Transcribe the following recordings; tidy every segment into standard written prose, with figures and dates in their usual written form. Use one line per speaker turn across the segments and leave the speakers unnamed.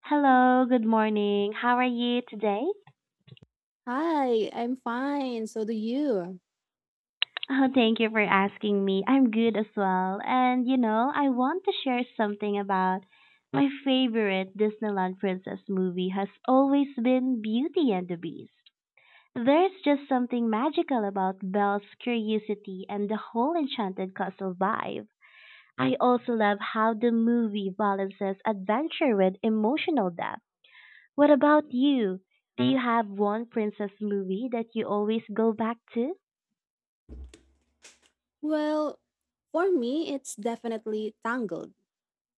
Hello, good morning. How are you today?
Hi, I'm fine. So do you?
Oh, thank you for asking me. I'm good as well. And you know, I want to share something about my favorite Disneyland Princess movie has always been Beauty and the Beast. There's just something magical about Belle's curiosity and the whole enchanted castle vibe. I also love how the movie balances adventure with emotional depth. What about you? Do you have one princess movie that you always go back to?
Well, for me, it's definitely Tangled.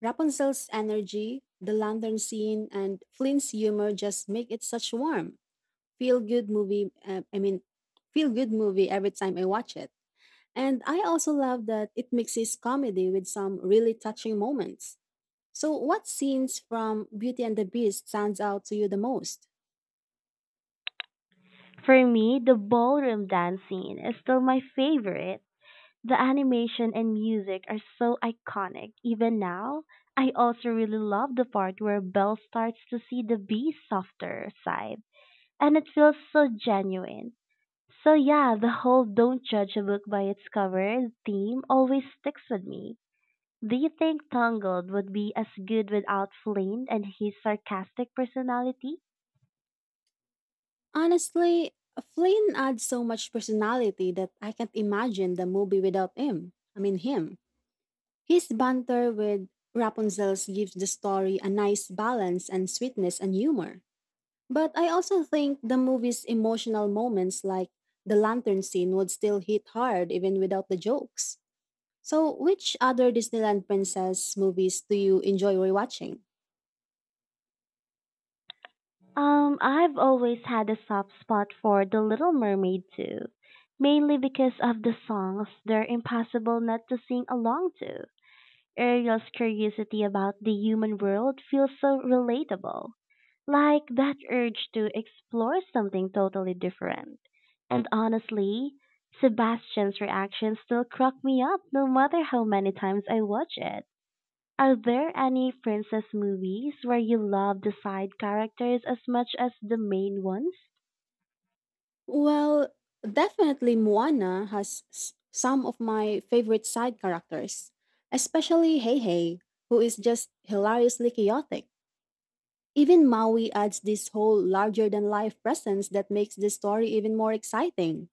Rapunzel's energy, the lantern scene, and Flynn's humor just make it such warm, feel-good movie. Uh, I mean, feel-good movie every time I watch it. And I also love that it mixes comedy with some really touching moments. So, what scenes from Beauty and the Beast stands out to you the most?
For me, the ballroom dance scene is still my favorite. The animation and music are so iconic. Even now, I also really love the part where Belle starts to see the bee's softer side, and it feels so genuine. So yeah, the whole don't judge a book by its cover theme always sticks with me. Do you think Tangled would be as good without Flynn and his sarcastic personality?
Honestly, Flynn adds so much personality that I can't imagine the movie without him. His banter with Rapunzel's gives the story a nice balance and sweetness and humor. But I also think the movie's emotional moments, like the lantern scene, would still hit hard even without the jokes. So, which other Disneyland Princess movies do you enjoy rewatching?
I've always had a soft spot for The Little Mermaid too, mainly because of the songs they're impossible not to sing along to. Ariel's curiosity about the human world feels so relatable, like that urge to explore something totally different. And honestly, Sebastian's reactions still crack me up no matter how many times I watch it. Are there any princess movies where you love the side characters as much as the main ones?
Well, definitely Moana has some of my favorite side characters, especially Heihei, who is just hilariously chaotic. Even Maui adds this whole larger than life presence that makes the story even more exciting.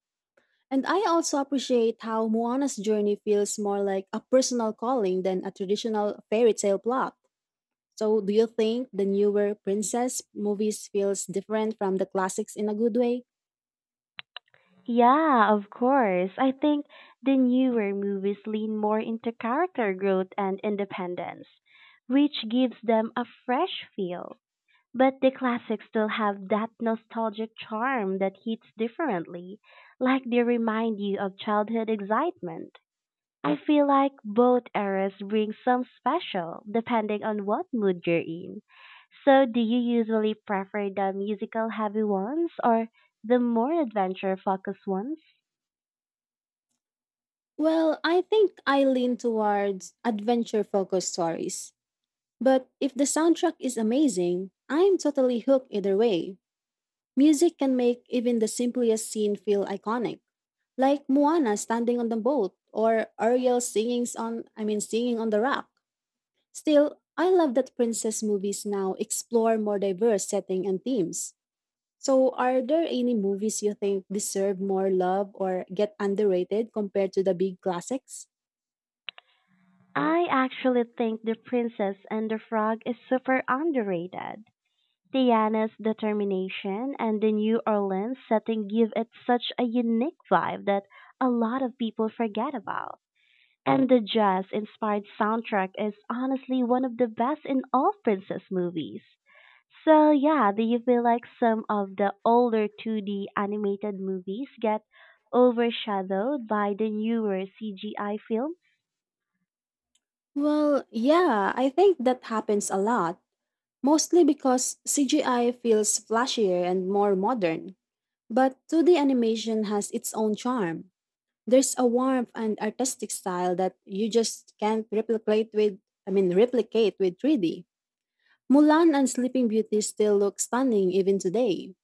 And I also appreciate how Moana's journey feels more like a personal calling than a traditional fairy tale plot. So, do you think the newer princess movies feels different from the classics in a good way?
Yeah, of course. I think the newer movies lean more into character growth and independence, which gives them a fresh feel. But the classics still have that nostalgic charm that hits differently, like they remind you of childhood excitement. I feel like both eras bring some special, depending on what mood you're in. So, do you usually prefer the musical heavy ones or the more adventure focused ones?
Well, I think I lean towards adventure focused stories. But if the soundtrack is amazing, I'm totally hooked either way. Music can make even the simplest scene feel iconic, like Moana standing on the boat or Ariel singing on the rock. Still, I love that princess movies now explore more diverse setting and themes. So, are there any movies you think deserve more love or get underrated compared to the big classics?
I actually think The Princess and the Frog is super underrated. Tiana's determination and the New Orleans setting give it such a unique vibe that a lot of people forget about. And the jazz-inspired soundtrack is honestly one of the best in all princess movies. So yeah, do you feel like some of the older 2D animated movies get overshadowed by the newer CGI films?
Well, yeah, I think that happens a lot, mostly because CGI feels flashier and more modern. But 2D animation has its own charm. There's a warmth and artistic style that you just can't replicate with 3D. Mulan and Sleeping Beauty still look stunning even today.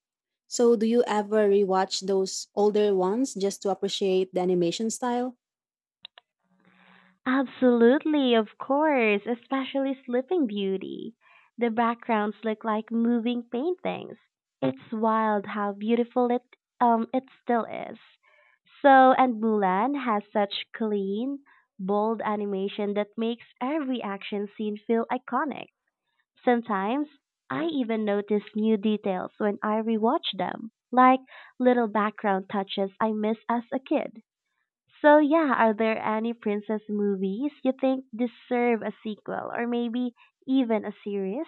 So, do you ever rewatch those older ones just to appreciate the animation style?
Absolutely, of course, especially Sleeping Beauty. The backgrounds look like moving paintings. It's wild how beautiful it still is. So and Mulan has such clean, bold animation that makes every action scene feel iconic. Sometimes I even notice new details when I rewatch them, like little background touches I missed as a kid. So yeah, are there any princess movies you think deserve a sequel or maybe even a series?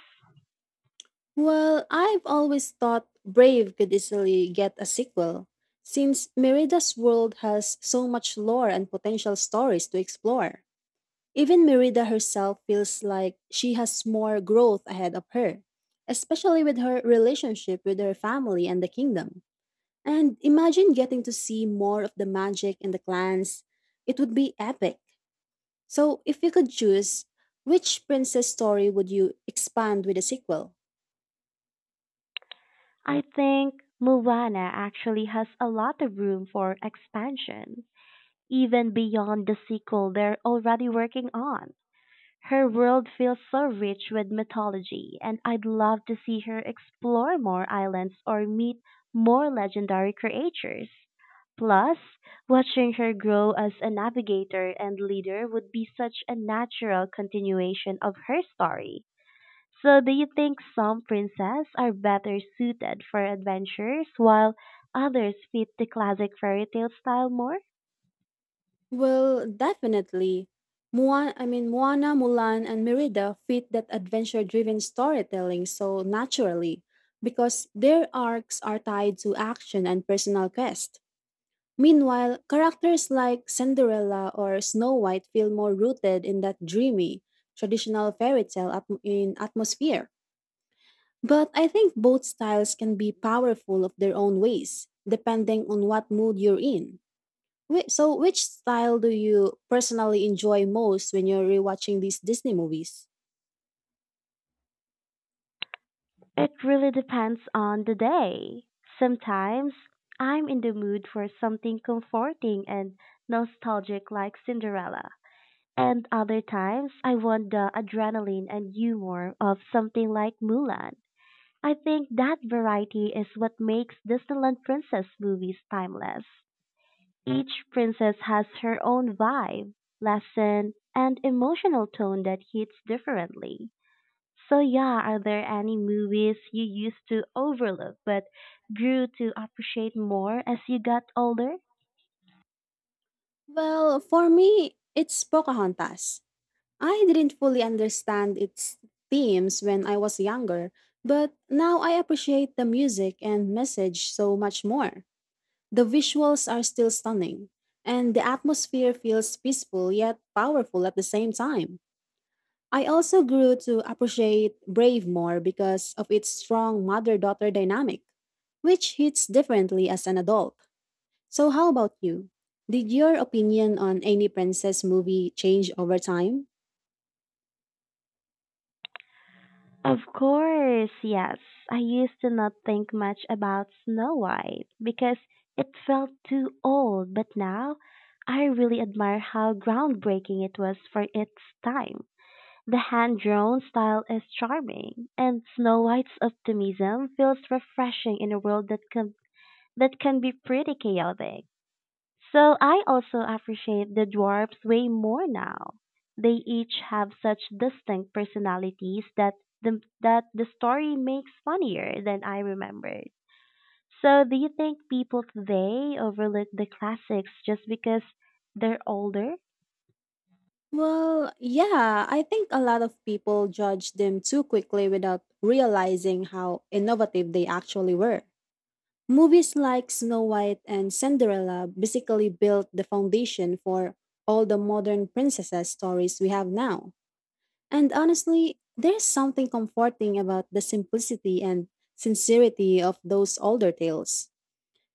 Well, I've always thought Brave could easily get a sequel, since Merida's world has so much lore and potential stories to explore. Even Merida herself feels like she has more growth ahead of her, especially with her relationship with her family and the kingdom. And imagine getting to see more of the magic and the clans. It would be epic. So, if you could choose, which princess story would you expand with a sequel?
I think Moana actually has a lot of room for expansion, even beyond the sequel they're already working on. Her world feels so rich with mythology, and I'd love to see her explore more islands or meet more legendary creatures. Plus, watching her grow as a navigator and leader would be such a natural continuation of her story. So, do you think some princesses are better suited for adventures while others fit the classic fairy tale style more?
Well, definitely. Moana, Mulan, and Merida fit that adventure driven storytelling so naturally because their arcs are tied to action and personal quest. Meanwhile, characters like Cinderella or Snow White feel more rooted in that dreamy, traditional fairy tale atm- in atmosphere. But I think both styles can be powerful of their own ways, depending on what mood you're in. Wait, so which style do you personally enjoy most when you're rewatching these Disney movies?
It really depends on the day. Sometimes I'm in the mood for something comforting and nostalgic like Cinderella. And other times I want the adrenaline and humor of something like Mulan. I think that variety is what makes Disneyland Princess movies timeless. Each princess has her own vibe, lesson, and emotional tone that hits differently. So yeah, are there any movies you used to overlook but grew to appreciate more as you got older?
Well, for me, it's Pocahontas. I didn't fully understand its themes when I was younger, but now I appreciate the music and message so much more. The visuals are still stunning, and the atmosphere feels peaceful yet powerful at the same time. I also grew to appreciate Brave more because of its strong mother daughter dynamic, which hits differently as an adult. So, how about you? Did your opinion on any princess movie change over time?
Of course, yes. I used to not think much about Snow White because it felt too old, but now I really admire how groundbreaking it was for its time. The hand-drawn style is charming, and Snow White's optimism feels refreshing in a world that can be pretty chaotic. So I also appreciate the dwarfs way more now. They each have such distinct personalities that the story makes funnier than I remembered. So do you think people today overlook the classics just because they're older?
Well, yeah, I think a lot of people judge them too quickly without realizing how innovative they actually were. Movies like Snow White and Cinderella basically built the foundation for all the modern princesses stories we have now. And honestly, there's something comforting about the simplicity and sincerity of those older tales.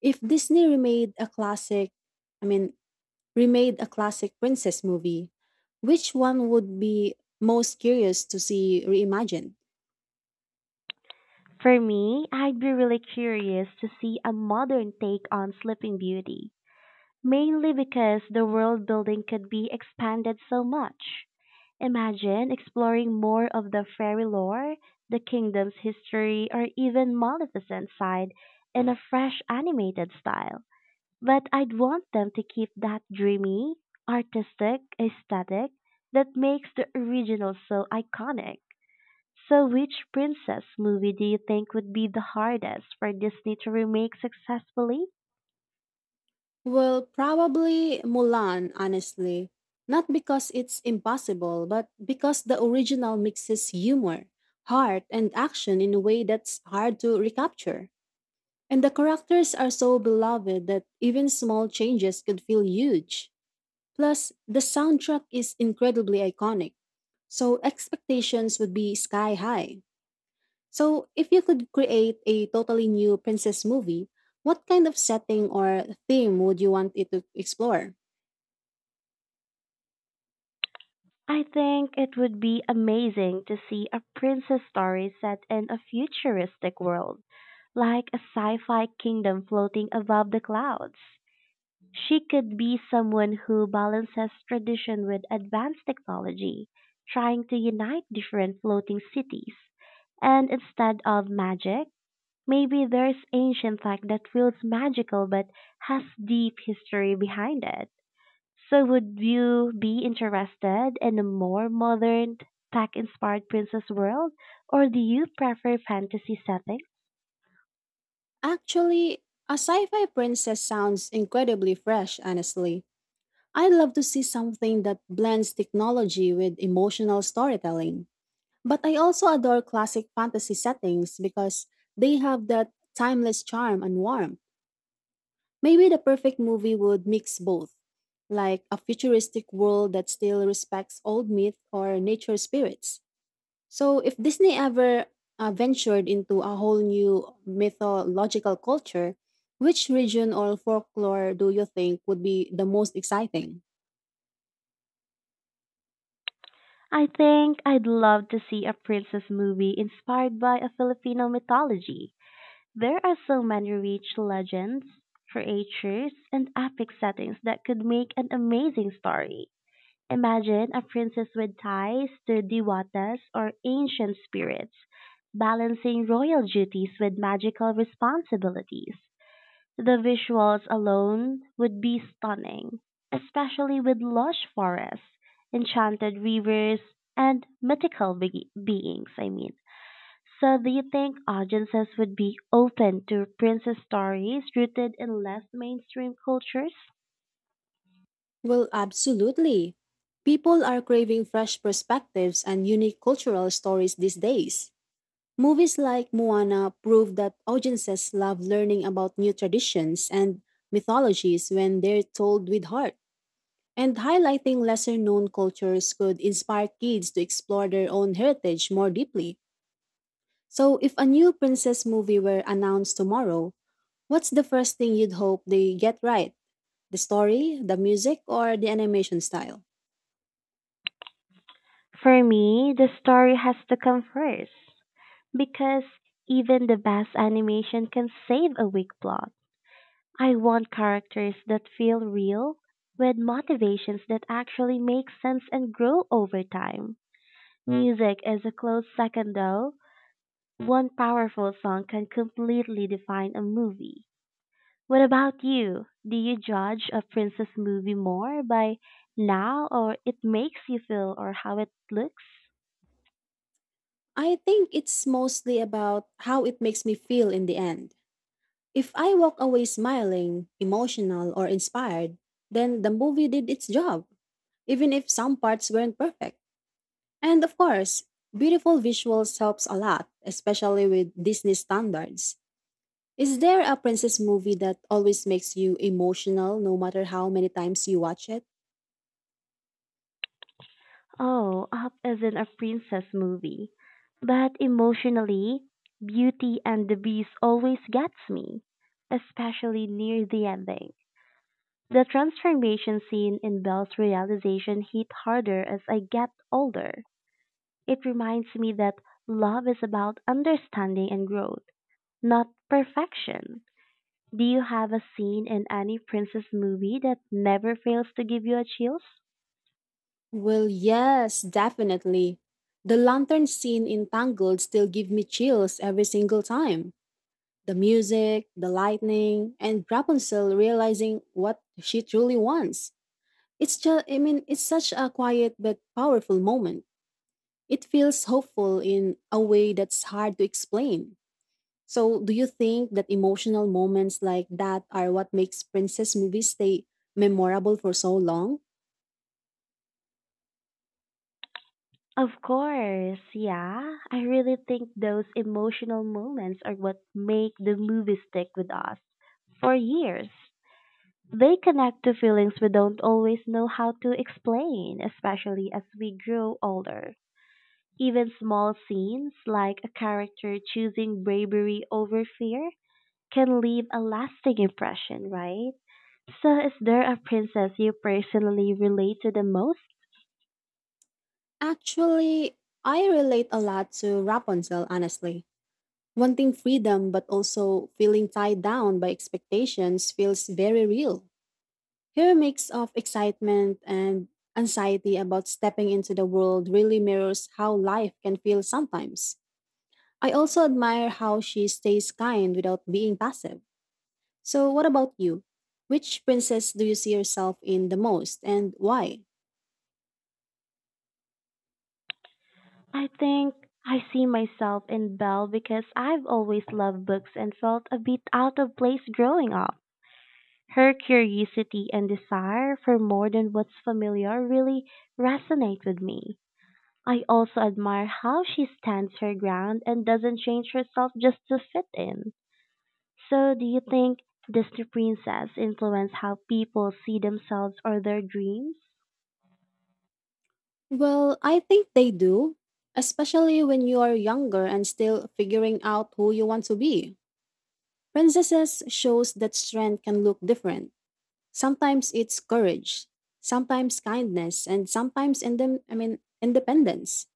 If Disney I mean, remade a classic princess movie, which one would be most curious to see reimagined?
For me, I'd be really curious to see a modern take on Sleeping Beauty, mainly because the world building could be expanded so much. Imagine exploring more of the fairy lore, the kingdom's history, or even Maleficent's side in a fresh animated style. But I'd want them to keep that dreamy, artistic aesthetic that makes the original so iconic. So, which princess movie do you think would be the hardest for Disney to remake successfully?
Well, probably Mulan, honestly. Not because it's impossible, but because the original mixes humor, heart, and action in a way that's hard to recapture. And the characters are so beloved that even small changes could feel huge. Plus, the soundtrack is incredibly iconic, so expectations would be sky high. So, if you could create a totally new princess movie, what kind of setting or theme would you want it to explore?
I think it would be amazing to see a princess story set in a futuristic world, like a sci fi kingdom floating above the clouds. She could be someone who balances tradition with advanced technology, trying to unite different floating cities. And instead of magic, maybe there's ancient fact that feels magical but has deep history behind it. So would you be interested in a more modern, tech-inspired princess world, or do you prefer fantasy settings?
Actually, a sci fi princess sounds incredibly fresh, honestly. I'd love to see something that blends technology with emotional storytelling. But I also adore classic fantasy settings because they have that timeless charm and warmth. Maybe the perfect movie would mix both, like a futuristic world that still respects old myth or nature spirits. So if Disney ever ventured into a whole new mythological culture, which region or folklore do you think would be the most exciting?
I think I'd love to see a princess movie inspired by a Filipino mythology. There are so many rich legends, creatures, and epic settings that could make an amazing story. Imagine a princess with ties to devatas or ancient spirits, balancing royal duties with magical responsibilities. The visuals alone would be stunning, especially with lush forests, enchanted rivers, and mythical beings. So, do you think audiences would be open to princess stories rooted in less mainstream cultures?
Well, absolutely. People are craving fresh perspectives and unique cultural stories these days. Movies like Moana prove that audiences love learning about new traditions and mythologies when they're told with heart. And highlighting lesser known cultures could inspire kids to explore their own heritage more deeply. So, if a new princess movie were announced tomorrow, what's the first thing you'd hope they get right? The story, the music, or the animation style?
For me, the story has to come first. Because even the best animation can save a weak plot. I want characters that feel real, with motivations that actually make sense and grow over time. Music is a close second though. One powerful song can completely define a movie. What about you? Do you judge a princess movie more by now or it makes you feel or how it looks?
I think it's mostly about how it makes me feel in the end. If I walk away smiling, emotional, or inspired, then the movie did its job, even if some parts weren't perfect. And of course, beautiful visuals helps a lot, especially with Disney standards. Is there a princess movie that always makes you emotional no matter how many times you watch it?
Oh, Up isn't a princess movie, but emotionally, Beauty and the Beast always gets me, especially near the ending. The transformation scene in Belle's realization hit harder as I get older. It reminds me that love is about understanding and growth, not perfection. Do you have a scene in any princess movie that never fails to give you a chills?
Well, yes, definitely. The lantern scene in Tangled still give me chills every single time. The music, the lightning, and Rapunzel realizing what she truly wants. It's just, I mean, It's such a quiet but powerful moment. It feels hopeful in a way that's hard to explain. So, do you think that emotional moments like that are what makes princess movies stay memorable for so long?
Of course, yeah. I really think those emotional moments are what make the movie stick with us for years. They connect to feelings we don't always know how to explain, especially as we grow older. Even small scenes, like a character choosing bravery over fear, can leave a lasting impression, right? So, is there a princess you personally relate to the most?
Actually, I relate a lot to Rapunzel, honestly. Wanting freedom but also feeling tied down by expectations feels very real. Your mix of excitement and anxiety about stepping into the world really mirrors how life can feel sometimes. I also admire how she stays kind without being passive. So, what about you? Which princess do you see yourself in the most and why?
I think I see myself in Belle because I've always loved books and felt a bit out of place growing up. Her curiosity and desire for more than what's familiar really resonate with me. I also admire how she stands her ground and doesn't change herself just to fit in. So, do you think Disney Princess influence how people see themselves or their dreams?
Well, I think they do, especially when you are younger and still figuring out who you want to be. Princesses shows that strength can look different. Sometimes it's courage, sometimes kindness, and sometimes in them, I mean, independence.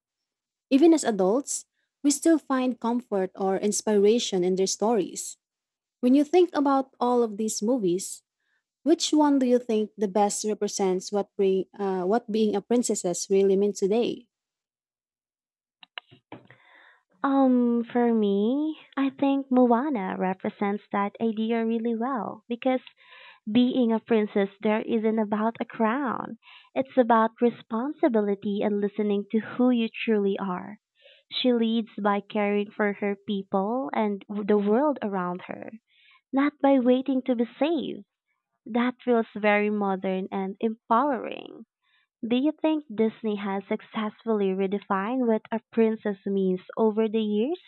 Even as adults, we still find comfort or inspiration in their stories. When you think about all of these movies, which one do you think the best represents what being a princess really means today?
For me, I think Moana represents that idea really well because being a princess there isn't about a crown. It's about responsibility and listening to who you truly are. She leads by caring for her people and the world around her, not by waiting to be saved. That feels very modern and empowering. Do you think Disney has successfully redefined what a princess means over the years?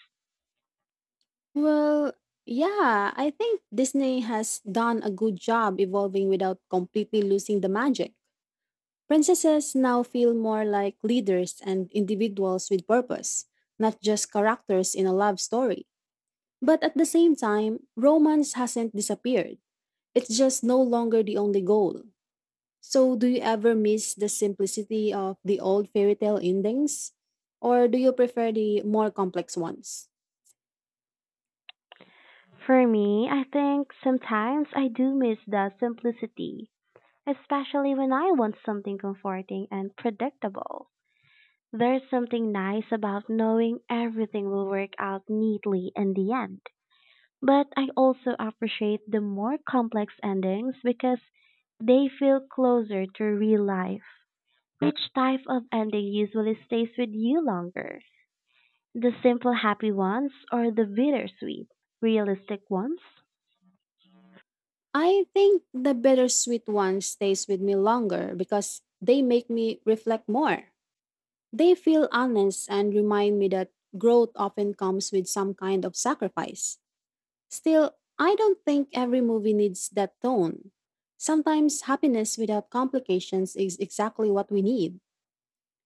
Well, yeah, I think Disney has done a good job evolving without completely losing the magic. Princesses now feel more like leaders and individuals with purpose, not just characters in a love story. But at the same time, romance hasn't disappeared. It's just no longer the only goal. So, do you ever miss the simplicity of the old fairy tale endings? Or do you prefer the more complex ones?
For me, I think sometimes I do miss the simplicity, especially when I want something comforting and predictable. There's something nice about knowing everything will work out neatly in the end. But I also appreciate the more complex endings because they feel closer to real life. Which type of ending usually stays with you longer? The simple happy ones or the bittersweet, realistic ones?
I think the bittersweet one stays with me longer because they make me reflect more. They feel honest and remind me that growth often comes with some kind of sacrifice. Still, I don't think every movie needs that tone. Sometimes happiness without complications is exactly what we need.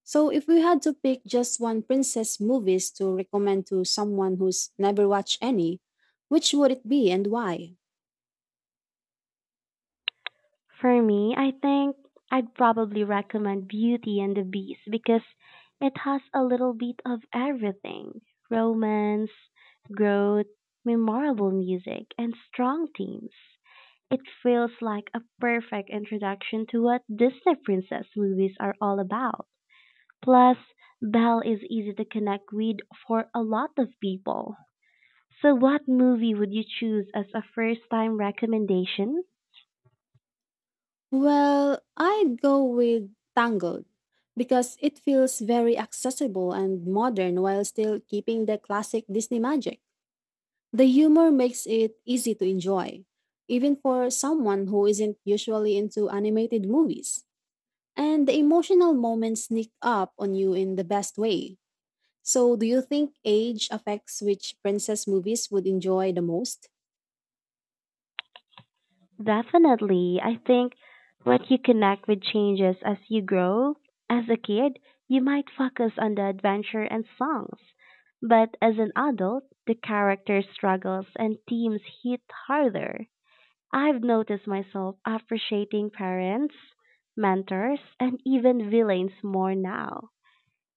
So, if we had to pick just one princess movies to recommend to someone who's never watched any, which would it be and why?
For me, I think I'd probably recommend Beauty and the Beast because it has a little bit of everything: romance, growth, memorable music, and strong themes. It feels like a perfect introduction to what Disney princess movies are all about. Plus, Belle is easy to connect with for a lot of people. So, what movie would you choose as a first time recommendation?
Well, I'd go with Tangled because it feels very accessible and modern while still keeping the classic Disney magic. The humor makes it easy to enjoy, even for someone who isn't usually into animated movies. And the emotional moments sneak up on you in the best way. So, do you think age affects which princess movies would enjoy the most?
Definitely. I think what you connect with changes as you grow. As a kid, you might focus on the adventure and songs. But as an adult, the character struggles and themes hit harder. I've noticed myself appreciating parents, mentors, and even villains more now.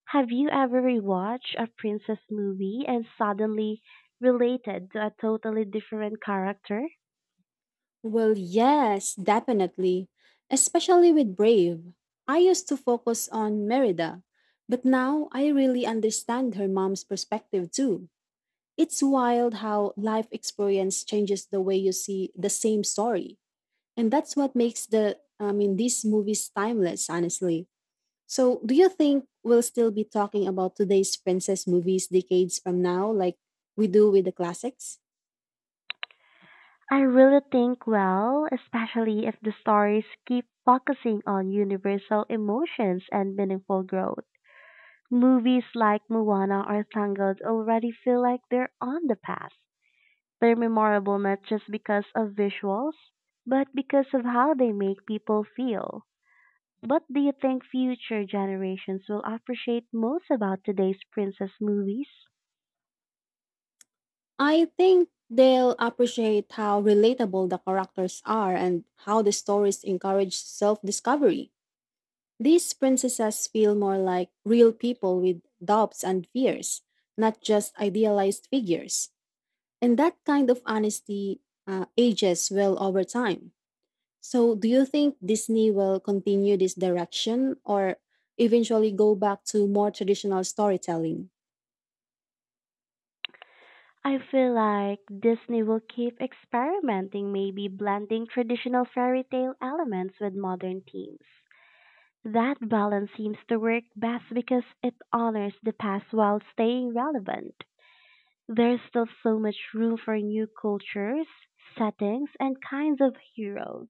Have you ever rewatched a princess movie and suddenly related to a totally different character?
Well, yes, definitely. Especially with Brave. I used to focus on Merida, but now I really understand her mom's perspective too. It's wild how life experience changes the way you see the same story. And that's what makes these movies timeless, honestly. So, do you think we'll still be talking about today's princess movies decades from now like we do with the classics?
I really think well, especially if the stories keep focusing on universal emotions and meaningful growth. Movies like Moana or Tangled already feel like they're on the path. They're memorable not just because of visuals, but because of how they make people feel. What do you think future generations will appreciate most about today's princess movies?
I think they'll appreciate how relatable the characters are and how the stories encourage self discovery. These princesses feel more like real people with doubts and fears, not just idealized figures. And that kind of honesty ages well over time. So, do you think Disney will continue this direction or eventually go back to more traditional storytelling?
I feel like Disney will keep experimenting, maybe blending traditional fairy tale elements with modern themes. That balance seems to work best because it honors the past while staying relevant. There's still so much room for new cultures, settings, and kinds of heroes.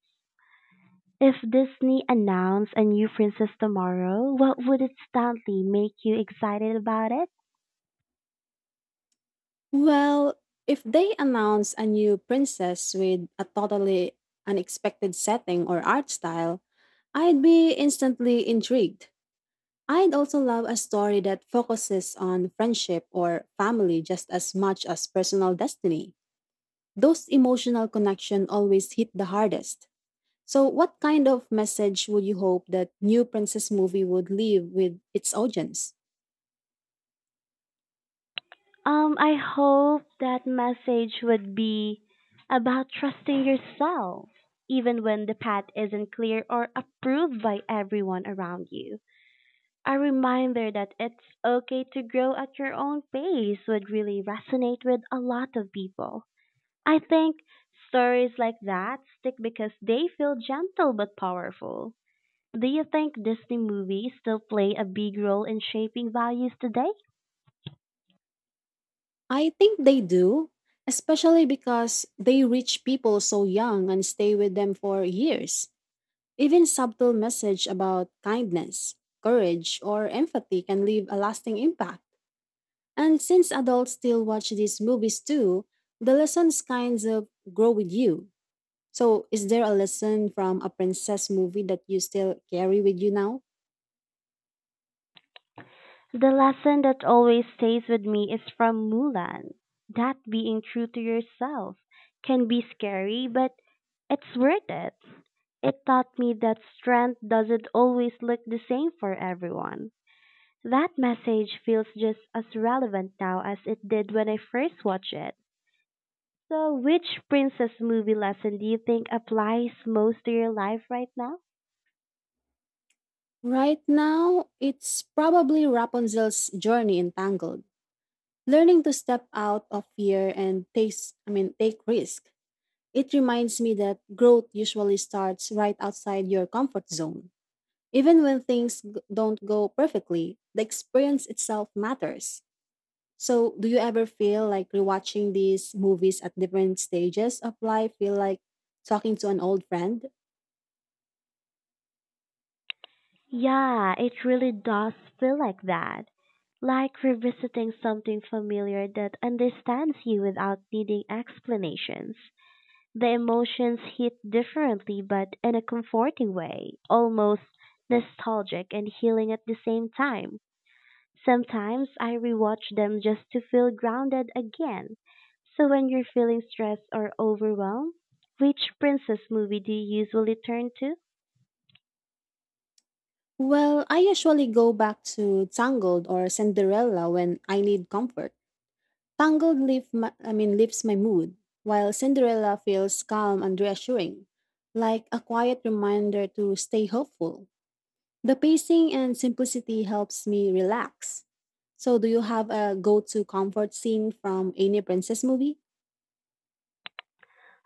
If Disney announced a new princess tomorrow, what would instantly make you excited about it?
Well, if they announce a new princess with a totally unexpected setting or art style, I'd be instantly intrigued. I'd also love a story that focuses on friendship or family just as much as personal destiny. Those emotional connections always hit the hardest. So, what kind of message would you hope that new princess movie would leave with its audience?
I hope that message would be about trusting yourself, even when the path isn't clear or approved by everyone around you. A reminder that it's okay to grow at your own pace would really resonate with a lot of people. I think stories like that stick because they feel gentle but powerful. Do you think Disney movies still play a big role in shaping values today?
I think they do, especially because they reach people so young and stay with them for years. Even subtle message about kindness, courage, or empathy can leave a lasting impact. And since adults still watch these movies too, the lessons kinds of grow with you. So, is there a lesson from a princess movie that you still carry with you now?
The lesson that always stays with me is from Mulan, that being true to yourself can be scary, but it's worth it. It taught me that strength doesn't always look the same for everyone. That message feels just as relevant now as it did when I first watched it. So, which princess movie lesson do you think applies most to your life right now?
Right now, it's probably Rapunzel's journey in Tangled. Learning to step out of fear and take risk. It reminds me that growth usually starts right outside your comfort zone. Even when things don't go perfectly, the experience itself matters. So, do you ever feel like rewatching these movies at different stages of life feel like talking to an old friend?
Yeah, it really does feel like that. Like revisiting something familiar that understands you without needing explanations. The emotions hit differently, but in a comforting way, almost nostalgic and healing at the same time. Sometimes I rewatch them just to feel grounded again. So when you're feeling stressed or overwhelmed, which princess movie do you usually turn to?
Well, I usually go back to Tangled or Cinderella when I need comfort. Tangled lifts my mood, while Cinderella feels calm and reassuring, like a quiet reminder to stay hopeful. The pacing and simplicity helps me relax. So, do you have a go to comfort scene from any princess movie?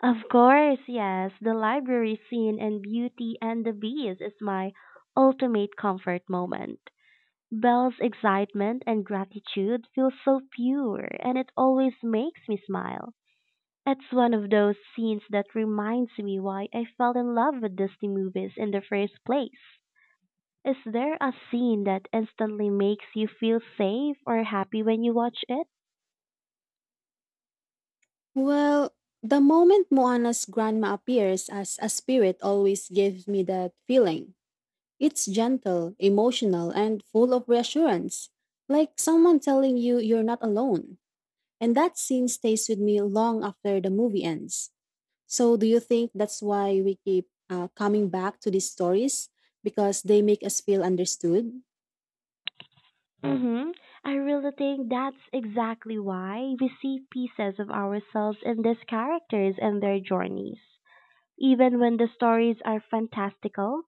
Of course, yes. The library scene in Beauty and the Beast is my ultimate comfort moment. Belle's excitement and gratitude feel so pure, and it always makes me smile. It's one of those scenes that reminds me why I fell in love with Disney movies in the first place. Is there a scene that instantly makes you feel safe or happy when you watch it?
Well, the moment Moana's grandma appears as a spirit always gives me that feeling. It's gentle, emotional, and full of reassurance, like someone telling you you're not alone. And that scene stays with me long after the movie ends. So, do you think that's why we keep coming back to these stories? Because they make us feel understood?
Mm-hmm. I really think that's exactly why we see pieces of ourselves in these characters and their journeys. Even when the stories are fantastical,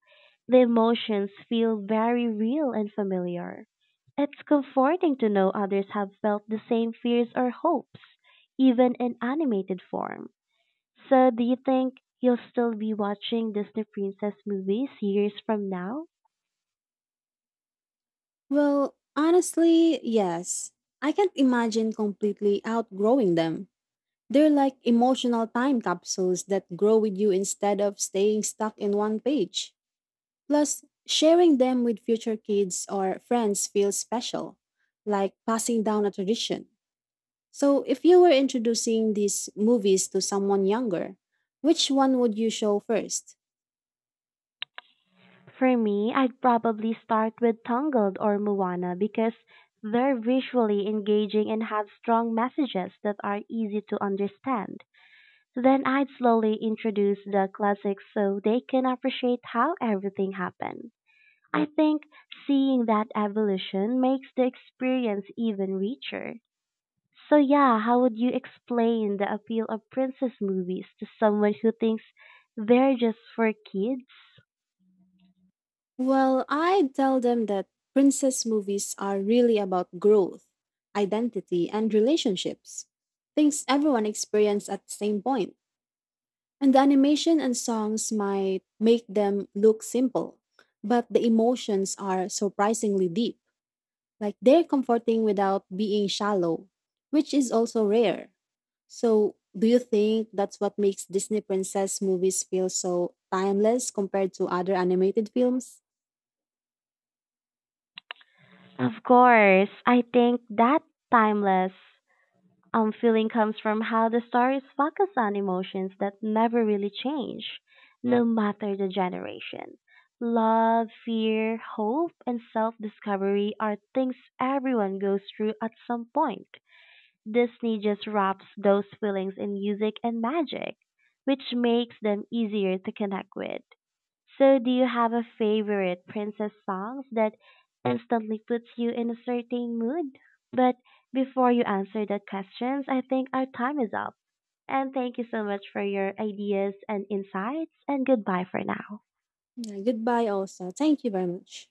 the emotions feel very real and familiar. It's comforting to know others have felt the same fears or hopes, even in animated form. So, do you think you'll still be watching Disney Princess movies years from now?
Well, honestly, yes. I can't imagine completely outgrowing them. They're like emotional time capsules that grow with you instead of staying stuck in one page. Plus, sharing them with future kids or friends feels special, like passing down a tradition. So, if you were introducing these movies to someone younger, which one would you show first?
For me, I'd probably start with Tangled or Moana because they're visually engaging and have strong messages that are easy to understand. Then I'd slowly introduce the classics so they can appreciate how everything happened. I think seeing that evolution makes the experience even richer. So yeah, how would you explain the appeal of princess movies to someone who thinks they're just for kids?
Well, I'd tell them that princess movies are really about growth, identity, and relationships. Things everyone experiences at the same point. And the animation and songs might make them look simple, but the emotions are surprisingly deep. Like they're comforting without being shallow, which is also rare. So, do you think that's what makes Disney princess movies feel so timeless compared to other animated films?
Of course, I think that timeless feeling comes from how the stories focus on emotions that never really change, no matter the generation. Love, fear, hope, and self discovery are things everyone goes through at some point. Disney just wraps those feelings in music and magic, which makes them easier to connect with. So, do you have a favorite princess songs that instantly puts you in a certain mood? But before you answer that questions, I think our time is up. And thank you so much for your ideas and insights and goodbye for now.
Yeah, goodbye also. Thank you very much.